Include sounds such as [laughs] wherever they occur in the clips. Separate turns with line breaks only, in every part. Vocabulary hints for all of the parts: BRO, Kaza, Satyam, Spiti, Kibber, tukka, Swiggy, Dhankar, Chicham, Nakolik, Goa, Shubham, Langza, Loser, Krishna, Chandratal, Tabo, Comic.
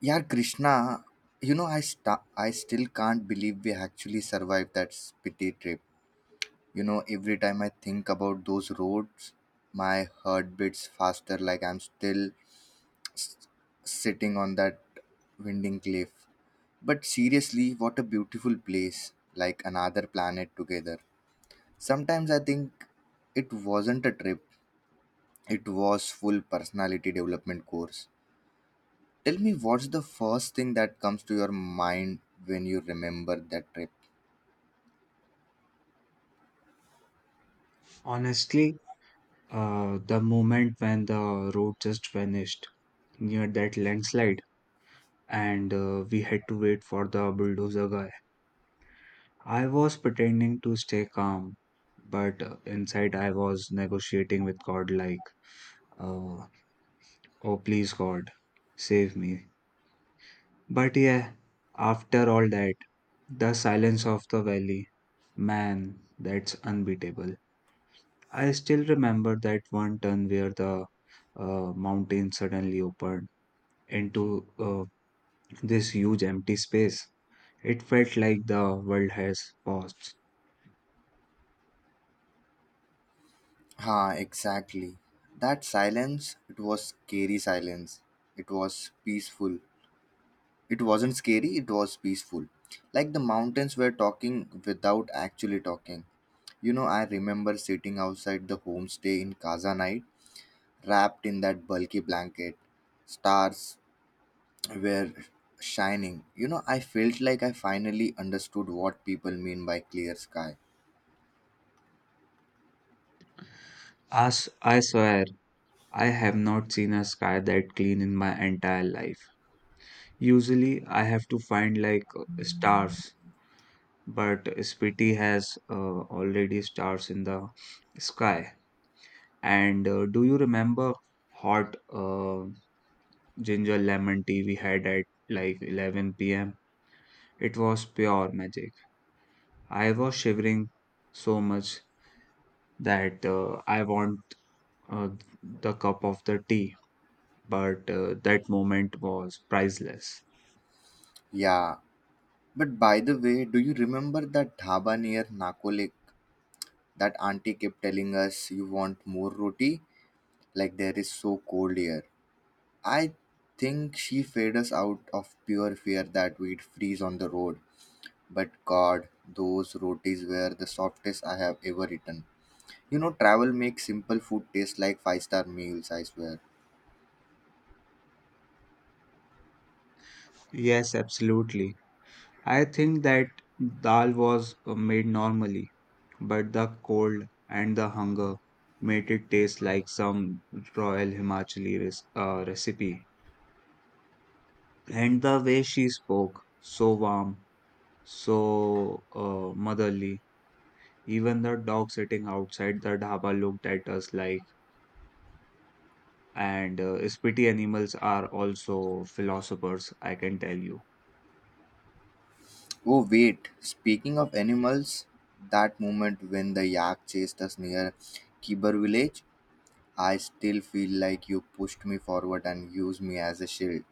Yeah, Krishna, I still can't believe we actually survived that spitty trip. Every time I think about those roads, my heart beats faster like I'm still s- sitting on that winding cliff. But seriously, what a beautiful place, like another planet together. Sometimes I think it wasn't a trip, it was full personality development course. Tell me, what's the first thing that comes to your mind when you remember that trip?
Honestly, the moment when the road just vanished near that landslide and we had to wait for the bulldozer guy, I was pretending to stay calm, but inside I was negotiating with God like, uh, oh please God, save me. But yeah, after all that, the silence of the valley, man, that's unbeatable. I still remember that one turn where the mountain suddenly opened into this huge empty space. It felt like the world has paused.
Ah, exactly. That silence, it was scary silence. It was peaceful. It wasn't scary, it was peaceful. Like the mountains were talking without actually talking. I remember sitting outside the homestay in Kaza night, wrapped in that bulky blanket. Stars were shining. I felt like I finally understood what people mean by clear sky.
As I swear, I have not seen a sky that clean in my entire life. Usually, I have to find like stars, but Spiti has already stars in the sky. And do you remember hot ginger lemon tea we had at like 11 p.m.? It was pure magic. I was shivering so much that I want uh, the cup of the tea, but that moment was priceless.
Yeah. But by the way, do you remember that dhaba near Nakolik? That auntie kept telling us, "You want more roti? Like there is so cold here." I think she fed us out of pure fear that we'd freeze on the road. But God, those rotis were the softest I have ever eaten. Travel makes simple food taste like five-star meals, I swear.
Yes, absolutely. I think that dal was made normally, but the cold and the hunger made it taste like some royal Himachali recipe. And the way she spoke, so warm, so motherly. Even the dog sitting outside the dhaba looked at us like and spitty animals are also philosophers, I can tell you.
Oh, wait. Speaking of animals, that moment when the yak chased us near Kibber village, I still feel like you pushed me forward and used me as a shield.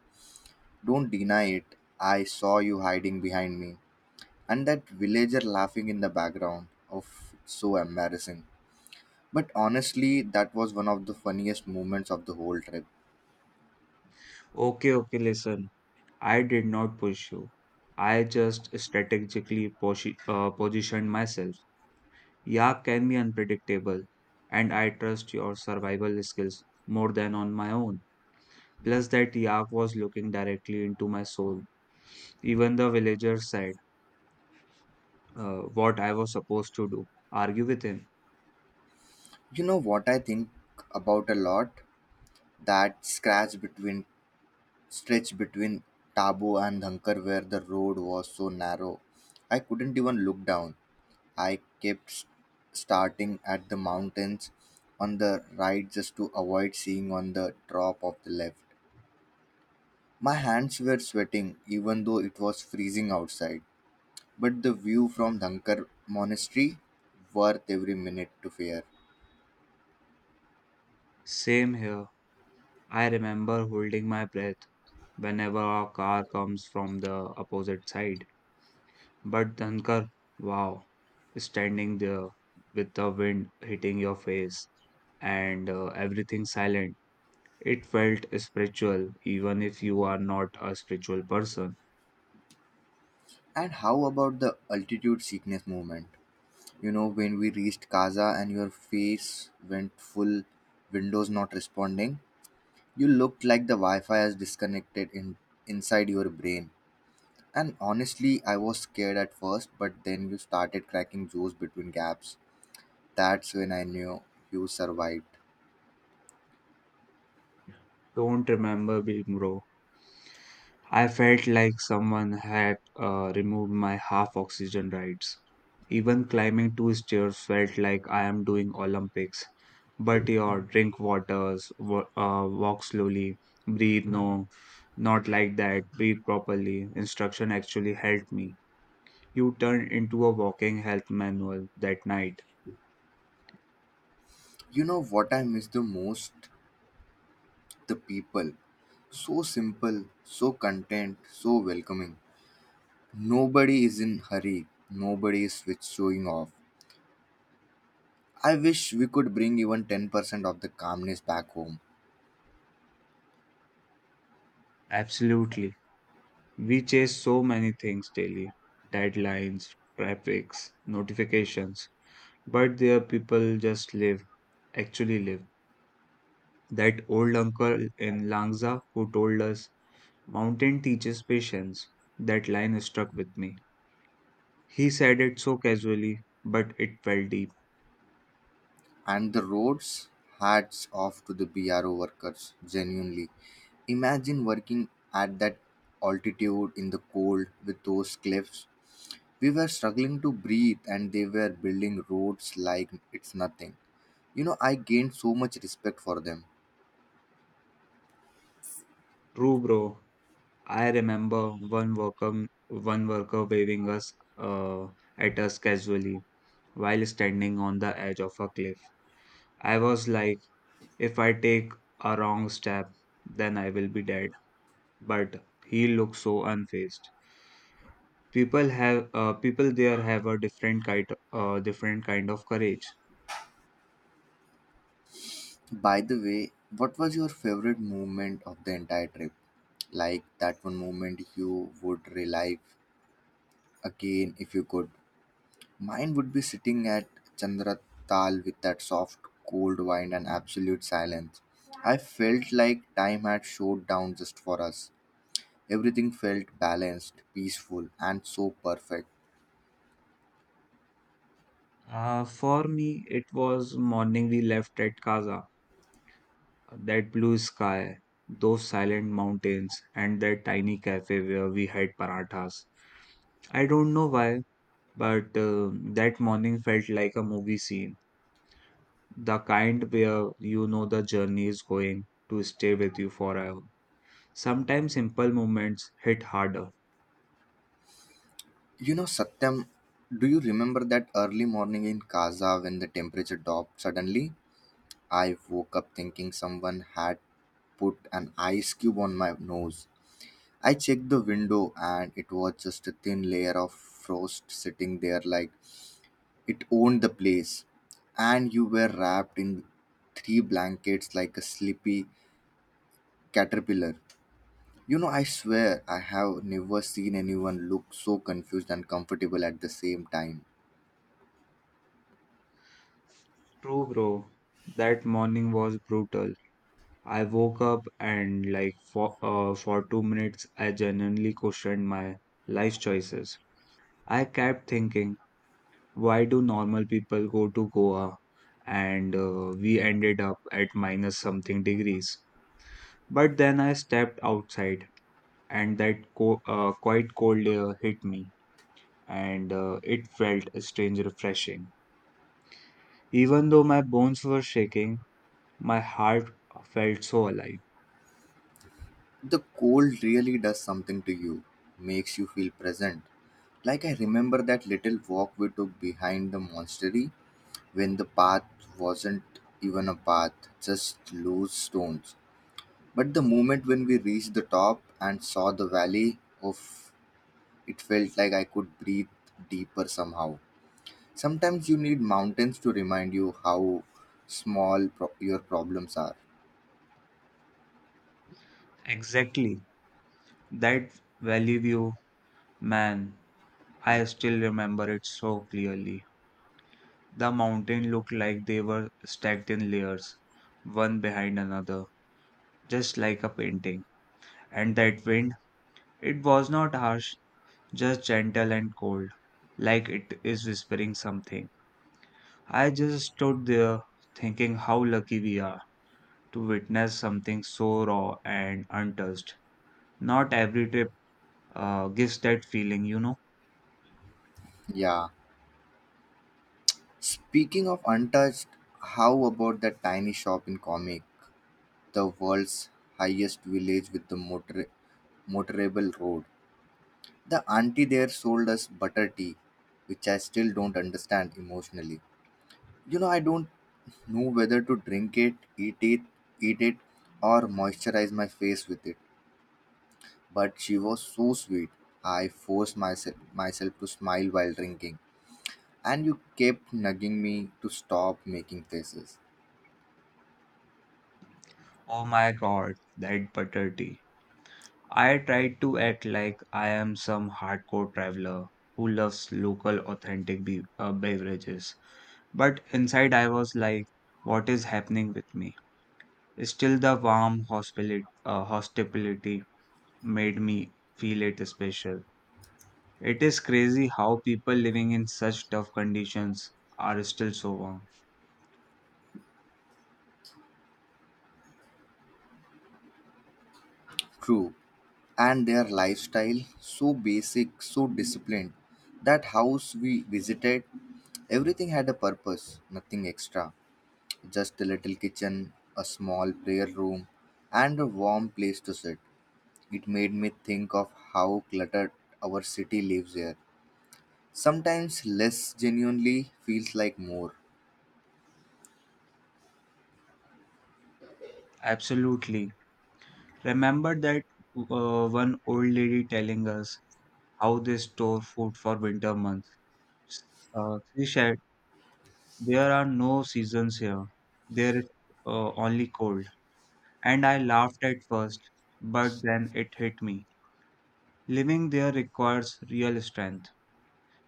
Don't deny it. I saw you hiding behind me. And that villager laughing in the background. Of so embarrassing. But honestly, that was one of the funniest moments of the whole trip.
Okay, okay, listen. I did not push you. I just strategically positioned myself. Yak can be unpredictable, and I trust your survival skills more than on my own. Plus, that yak was looking directly into my soul. Even the villager said what I was supposed to do argue with him.
You know what I think about a lot? That scratch between stretch between Tabo and Dhankar where the road was so narrow. I couldn't even look down. I kept starting at the mountains on the right just to avoid seeing on the drop of the left. My hands were sweating even though it was freezing outside, but the view from Dhankar monastery worth every minute to fear.
Same here. I remember holding my breath whenever a car comes from the opposite side. But Dhankar, wow, standing there with the wind hitting your face and everything silent. It felt spiritual, even if you are not a spiritual person.
And how about the altitude sickness movement? When we reached Casa and your face went full Windows not responding, you looked like the Wi Fi has disconnected inside your brain. And honestly, I was scared at first, but then you started cracking jokes between gaps. That's when I knew you survived.
Don't remember me, bro. I felt like someone had removed my half oxygen rides. Even climbing two stairs felt like I am doing Olympics. But your drink waters, walk slowly, breathe no, not like that, breathe properly. Instruction actually helped me. You turned into a walking health manual that night.
You know what I miss the most? The people. So simple, so content, so welcoming. Nobody is in hurry. Nobody is switch showing off. I wish we could bring even 10% of the calmness back home.
Absolutely. We chase so many things daily deadlines, traffics, notifications, but there people just live, actually live. That old uncle in Langza who told us, Mountain teaches patience, that line stuck with me. He said it so casually, but it felt deep.
And the roads, hats off to the BRO workers, genuinely. Imagine working at that altitude in the cold with those cliffs. We were struggling to breathe and they were building roads like it's nothing. I gained so much respect for them.
True, bro. I remember one worker waving us at us casually while standing on the edge of a cliff. I was like, If I take a wrong step, then I will be dead. But he looks so unfazed. People have people there have a different kind of courage.
By the way, what was your favorite moment of the entire trip? Like that one moment you would relive again if you could. Mine would be sitting at Chandratal with that soft, cold wine and absolute silence. I felt like time had slowed down just for us. Everything felt balanced, peaceful, and so perfect.
For me, it was morning we left at Kaza. That blue sky, those silent mountains, and that tiny cafe where we had parathas. I don't know why, but that morning felt like a movie scene the kind where you know the journey is going to stay with you forever. Sometimes simple moments hit harder.
Satyam, do you remember that early morning in Kaza when the temperature dropped suddenly? I woke up thinking someone had put an ice cube on my nose. I checked the window and it was just a thin layer of frost sitting there like it owned the place, and you were wrapped in three blankets like a sleepy caterpillar. I swear I have never seen anyone look so confused and comfortable at the same time.
True, bro. That morning was brutal. I woke up and, like, for 2 minutes, I genuinely questioned my life choices. I kept thinking, why do normal people go to Goa? And we ended up at minus something degrees. But then I stepped outside, and that quite cold air hit me and it felt strange refreshing. Even though my bones were shaking, my heart felt so alive.
The cold really does something to you, makes you feel present. Like I remember that little walk we took behind the monastery when the path wasn't even a path, just loose stones. But the moment when we reached the top and saw the valley of it felt like I could breathe deeper somehow. Sometimes you need mountains to remind you how small your problems are.
Exactly. That valley view, man, I still remember it so clearly. The mountain looked like they were stacked in layers, one behind another, just like a painting. And that wind, it was not harsh, just gentle and cold, like it is whispering something. I just stood there thinking how lucky we are to witness something so raw and untouched. Not every trip gives that feeling.
Yeah. Speaking of untouched, how about that tiny shop in Comic, the world's highest village with the motorable road? The auntie there sold us butter tea, which I still don't understand emotionally. I don't know whether to drink it, eat it, or moisturize my face with it. But she was so sweet. I forced myself to smile while drinking, and you kept nagging me to stop making faces.
Oh my god, that butter tea. I tried to act like I am some hardcore traveler who loves local authentic beverages. But inside, I was like, what is happening with me? Still, the warm hospitality made me feel it special. It is crazy how people living in such tough conditions are still so warm.
True, and their lifestyle so basic, so disciplined. That house we visited, everything had a purpose, nothing extra. Just a little kitchen, a small prayer room, and a warm place to sit. It made me think of how cluttered our city lives here. Sometimes less genuinely feels like more.
Absolutely. Remember that one old lady telling us how they store food for winter months. She said, There are no seasons here, there is only cold. And I laughed at first, but then it hit me. Living there requires real strength.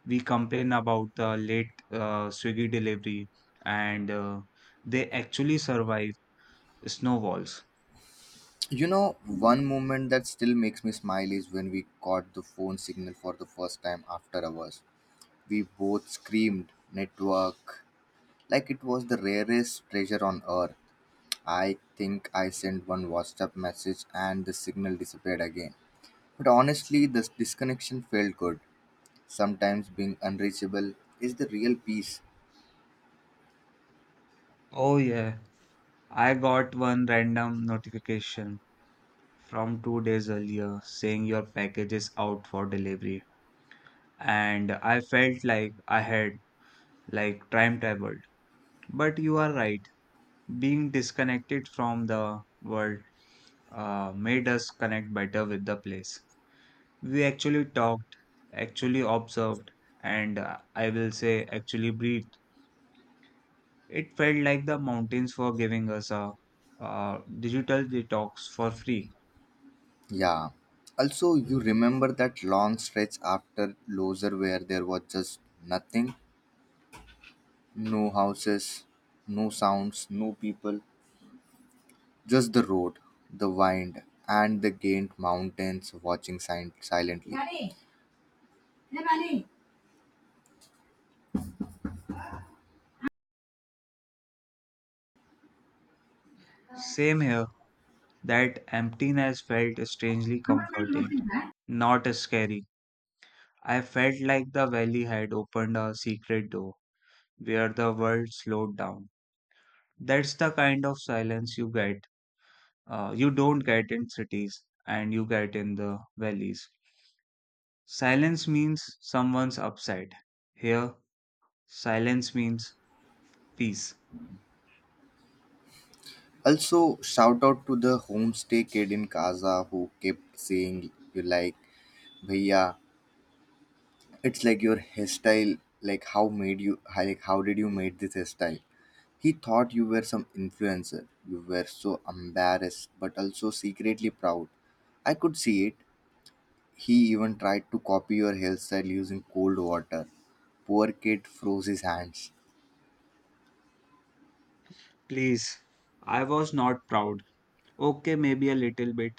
We complain about the late Swiggy delivery and they actually survive Snowballs.
One moment that still makes me smile is when we caught the phone signal for the first time after hours. We both screamed, "Network!" like it was the rarest treasure on earth. I think I sent one WhatsApp message and the signal disappeared again. But honestly, this disconnection felt good. Sometimes being unreachable is the real peace.
Oh yeah. I got one random notification from 2 days earlier saying your package is out for delivery. And I felt like I had like time traveled. But you are right. Being disconnected from the world made us connect better with the place. We actually talked, actually observed, and I will say actually breathed. It felt like the mountains were giving us a digital detox for free.
Yeah. Also, you remember that long stretch after Loser where there was just nothing? No houses, no sounds, no people, just the road, the wind, and the gained mountains watching silently.
Same here, that emptiness felt strangely comforting, not scary. I felt like the valley had opened a secret door where the world slowed down. That's the kind of silence you get. You don't get in cities and you get in the valleys. Silence means someone's upset. Here, silence means peace.
Also, shout out to the homestay kid in Kaza who kept saying, "You like, bhaiya, it's like your hairstyle. Like how made you? Like how did you made this hairstyle?" He thought you were some influencer. You were so embarrassed, but also secretly proud. I could see it. He even tried to copy your hairstyle using cold water. Poor kid froze his hands.
Please. I was not proud. Okay, maybe a little bit,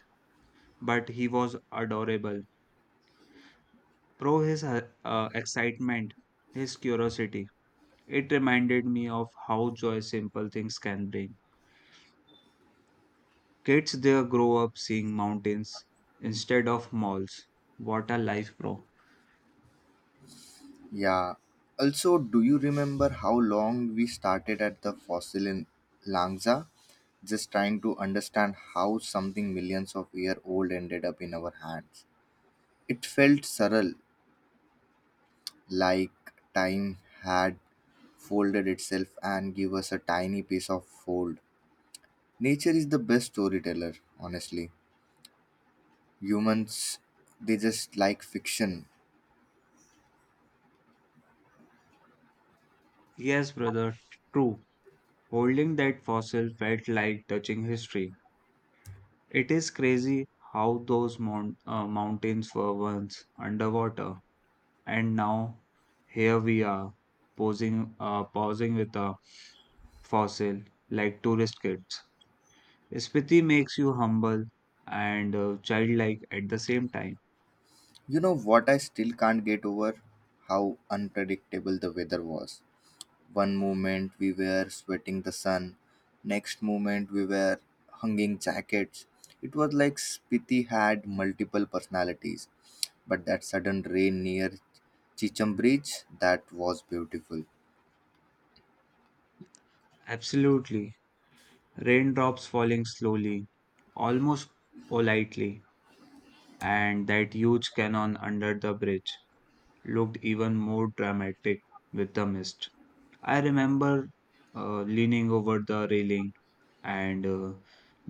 but he was adorable. Pro his excitement, his curiosity. It reminded me of how joy simple things can bring. Kids there grow up seeing mountains instead of malls. What a life, bro.
Yeah. Also, do you remember how long we started at the fossil in Langza? Just trying to understand how something millions of years old ended up in our hands. It felt surreal, like time had folded itself and give us a tiny piece of fold. Nature is the best storyteller, honestly. Humans, they just like fiction.
Yes, brother, true. Holding that fossil felt like touching history. It is crazy how those mountains were once underwater. And now here we are posing pausing with a fossil like tourist kids. Spiti makes you humble and childlike at the same time.
You know what I still can't get over? How unpredictable the weather was. One moment we were sweating the sun, next moment we were hanging jackets. It was like Spiti had multiple personalities. But that sudden rain near Chicham Bridge, that was beautiful.
Absolutely. Raindrops falling slowly, almost politely, and that huge cannon under the bridge looked even more dramatic with the mist. I remember leaning over the railing and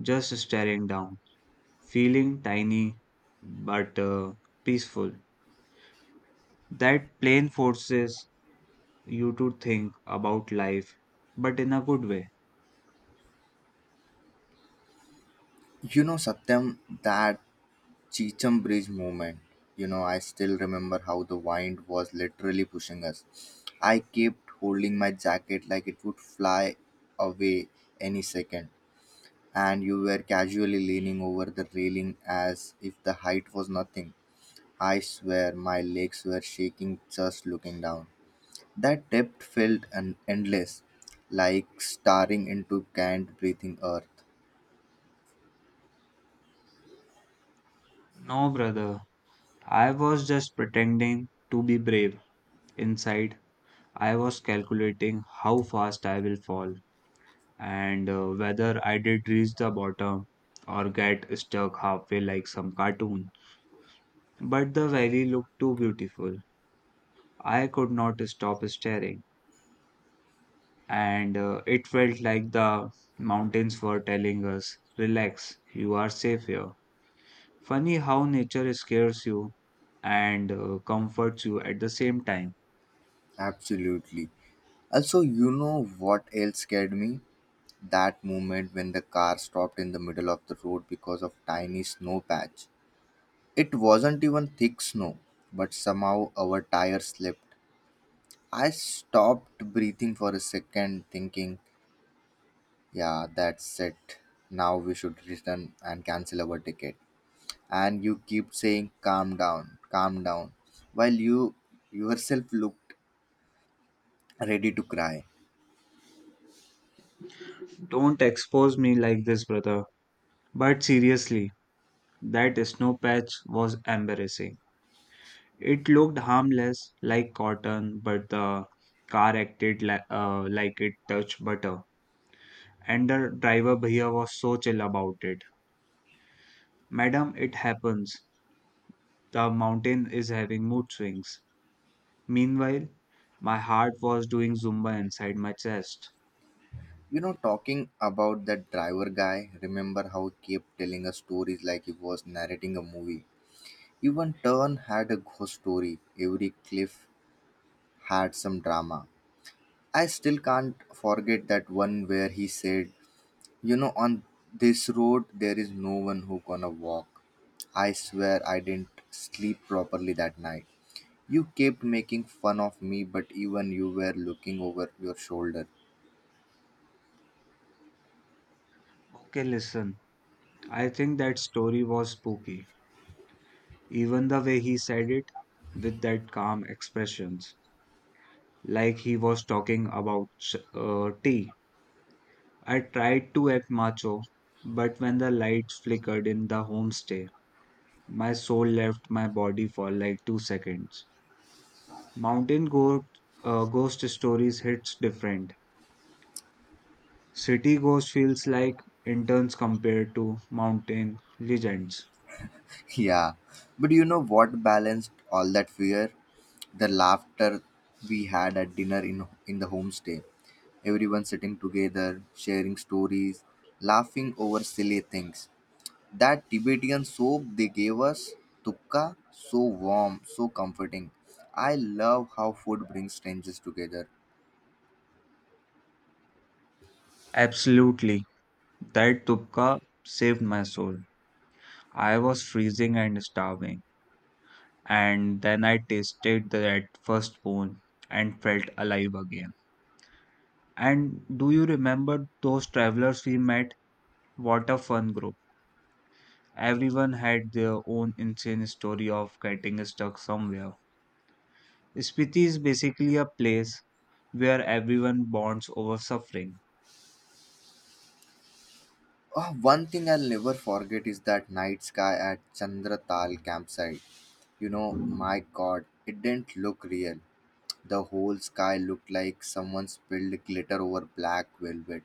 just staring down feeling tiny but peaceful. That plane forces you to think about life, but in a good way.
Satyam, that Cheecham Bridge movement, I still remember how the wind was literally pushing us. I kept holding my jacket like it would fly away any second, and you were casually leaning over the railing as if the height was nothing. I swear my legs were shaking just looking down. That depth felt an endless, like staring into can't breathing earth.
No, brother, I was just pretending to be brave. Inside, I was calculating how fast I will fall and whether I did reach the bottom or get stuck halfway like some cartoon. But the valley looked too beautiful. I could not stop staring. And it felt like the mountains were telling us, Relax, you are safe here. Funny how nature scares you and comforts you at the same time.
Absolutely. Also, you know what else scared me? That moment when the car stopped in the middle of the road because of tiny snow patch. It wasn't even thick snow, but somehow our tire slipped. I stopped breathing for a second, thinking, yeah, that's it. Now we should return and cancel our ticket. And you keep saying, "Calm down, calm down," while you yourself looked ready to cry.
Don't expose me like this, brother. But seriously, that snow patch was embarrassing. It looked harmless, like cotton, but the car acted like it touched butter. And the driver bhaiya was so chill about it. Madam, it happens. The mountain is having mood swings. Meanwhile, my heart was doing Zumba inside my chest.
Talking about that driver guy, remember how he kept telling us stories like he was narrating a movie? Even Turn had a ghost story, every cliff had some drama. I still can't forget that one where he said, "You know, on this road there is no one who gonna walk." I swear I didn't sleep properly that night. You kept making fun of me, but even you were looking over your shoulder.
Okay, listen, I think that story was spooky. Even the way he said it, with that calm expressions, like he was talking about tea. I tried to act macho, but when the lights flickered in the homestay, my soul left my body for like 2 seconds. Mountain ghost stories hits different. City Ghost feels like interns compared to mountain legends.
Yeah, but you know what balanced all that fear? The laughter we had at dinner in the homestay. Everyone sitting together, sharing stories, laughing over silly things. That Tibetan soap they gave us, tukka, so warm, so comforting. I love how food brings strangers together.
Absolutely. That tupka saved my soul. I was freezing and starving, and then I tasted that first spoon and felt alive again. And do you remember those travelers we met? What a fun group. Everyone had their own insane story of getting stuck somewhere. Spiti is basically a place where everyone bonds over suffering.
Oh, one thing I'll never forget is that night sky at Chandratal campsite. My god, it didn't look real. The whole sky looked like someone spilled glitter over black velvet.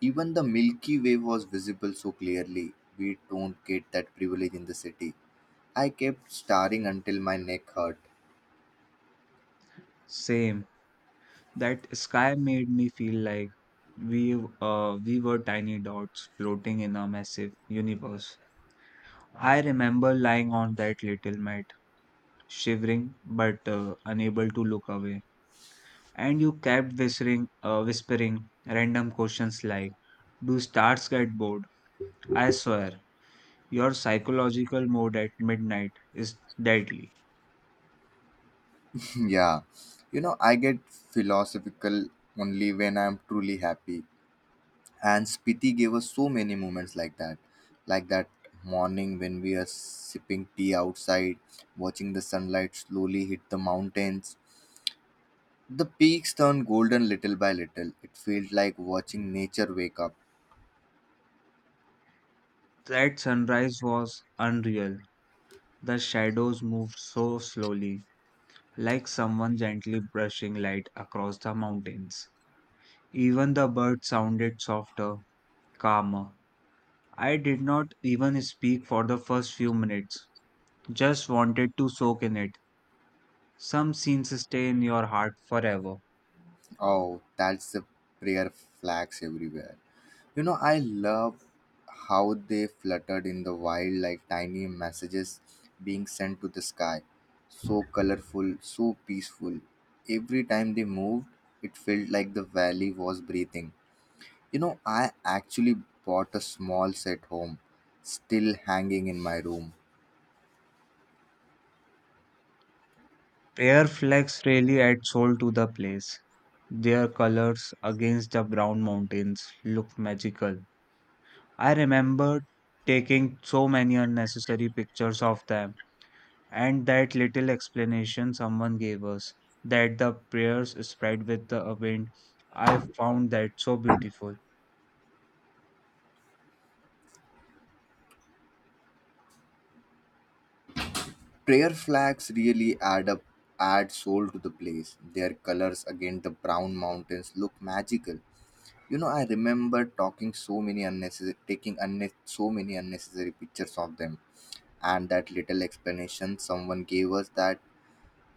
Even the Milky Way was visible so clearly. We don't get that privilege in the city. I kept staring until my neck hurt.
Same. That sky made me feel like we we were tiny dots floating in a massive universe. I remember lying on that little mat, shivering but unable to look away. And you kept whispering random questions like, "Do stars get bored?" I swear, your psychological mode at midnight is deadly.
[laughs] Yeah, I get philosophical only when I'm truly happy. And Spiti gave us so many moments like that. Like that morning when we are sipping tea outside, watching the sunlight slowly hit the mountains. The peaks turned golden little by little. It felt like watching nature wake up.
That sunrise was unreal. The shadows moved so slowly, like someone gently brushing light across the mountains. Even the bird sounded softer, calmer. I did not even speak for the first few minutes, just wanted to soak in it. Some scenes stay in your heart forever.
Oh, that's the prayer flags everywhere. I love how they fluttered in the wild like tiny messages being sent to the sky. So colorful, so peaceful. Every time they moved, it felt like the valley was breathing. I actually bought a small set home, still hanging in my room.
Air flags really add soul to the place. Their colors against the brown mountains looked magical. I remember taking so many unnecessary pictures of them. And that little explanation someone gave us, that the prayers spread with the wind, I found that so beautiful.
Prayer flags really add up, add soul to the place. Their colors against the brown mountains look magical. I remember talking so many unnecessary, taking so many unnecessary pictures of them, and that little explanation someone gave us that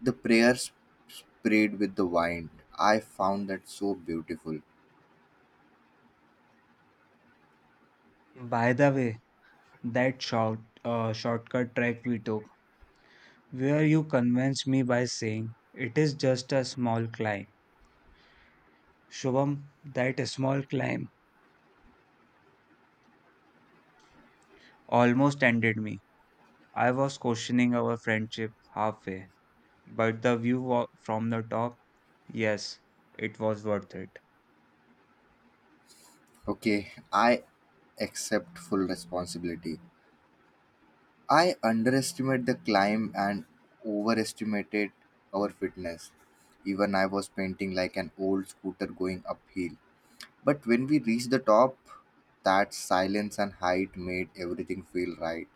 the prayers sprayed with the wind. I found that so beautiful.
By the way, that shortcut track we took, where you convinced me by saying it is just a small climb. Shubham, that small climb almost ended me. I was questioning our friendship halfway, but the view from the top, yes, it was worth it.
Okay, I accept full responsibility. I underestimate the climb and overestimated our fitness. Even I was painting like an old scooter going uphill. But when we reached the top, that silence and height made everything feel right.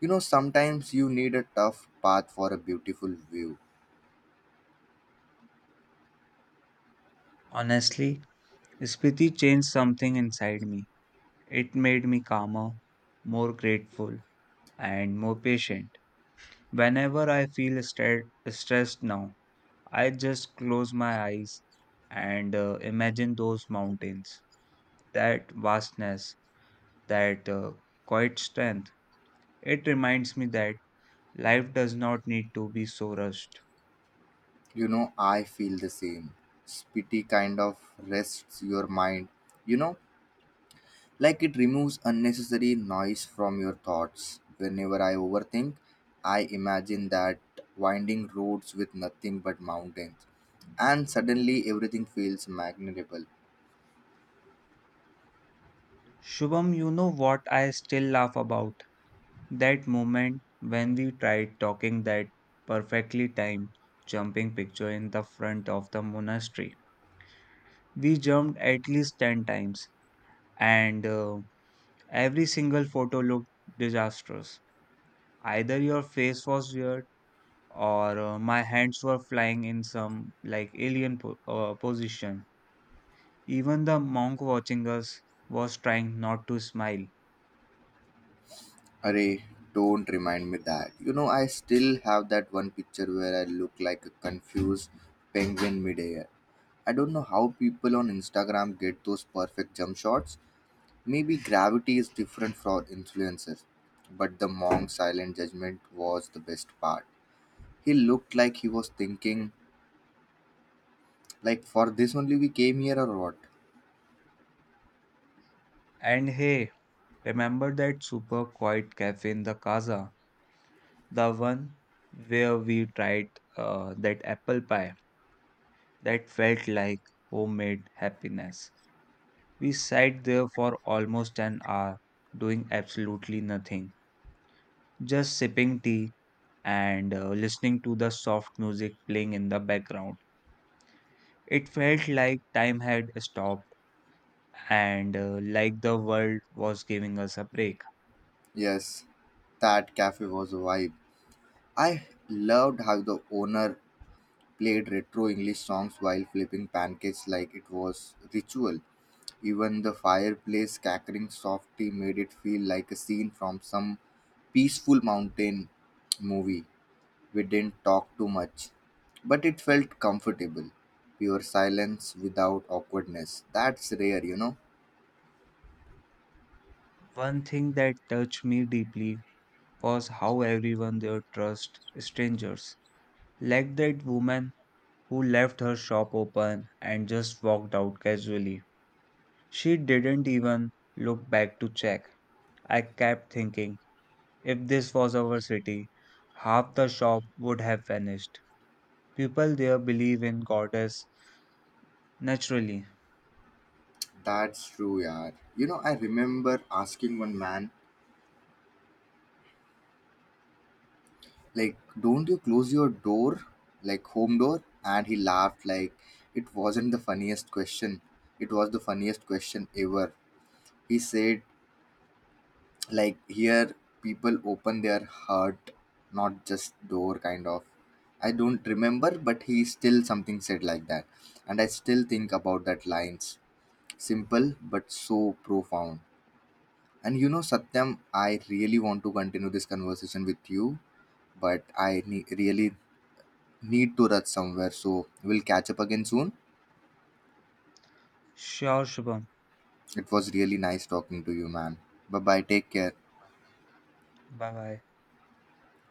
Sometimes you need a tough path for a beautiful view.
Honestly, Spiti changed something inside me. It made me calmer, more grateful, and more patient. Whenever I feel stressed now, I just close my eyes and imagine those mountains, that vastness, that quiet strength. It reminds me that life does not need to be so rushed.
I feel the same. Spitty kind of rests your mind. You know, Like it removes unnecessary noise from your thoughts. Whenever I overthink, I imagine that winding roads with nothing but mountains. And suddenly everything feels magnetable.
Shubham, you know what I still laugh about? That moment when we tried talking that perfectly timed jumping picture in the front of the monastery. We jumped at least 10 times and every single photo looked disastrous. Either your face was weird or my hands were flying in some like alien position. Even the monk watching us was trying not to smile.
Array, don't remind me that. I still have that one picture where I look like a confused penguin midair. I don't know how people on Instagram get those perfect jump shots. Maybe gravity is different for influencers, but the monk's silent judgment was the best part. He looked like he was thinking, like, for this only we came here or what?
And hey, remember that super quiet cafe in the Casa? The one where we tried that apple pie that felt like homemade happiness. We sat there for almost an hour doing absolutely nothing, just sipping tea and listening to the soft music playing in the background. It felt like time had stopped and like the world was giving us a break.
Yes, that cafe was a vibe. I loved how the owner played retro English songs while flipping pancakes like it was ritual. Even the fireplace cackering softly made it feel like a scene from some peaceful mountain movie. We didn't talk too much, but it felt comfortable. Pure silence without awkwardness. That's rare.
One thing that touched me deeply was how everyone there trust strangers. Like that woman who left her shop open and just walked out casually. She didn't even look back to check. I kept thinking, if this was our city, half the shop would have vanished. People there believe in goddess naturally.
That's true, yeah. I remember asking one man, like, don't you close your door, like home door? And he laughed, like, it wasn't the funniest question. It was the funniest question ever. He said, like here people open their heart, not just door kind of. I don't remember, but he still something said like that. And I still think about that lines. Simple but so profound. And Satyam, I really want to continue this conversation with you, but I really need to rush somewhere, so we'll catch up again soon.
Sure, Shubham.
It was really nice talking to you, man. Bye bye, take care.
Bye bye.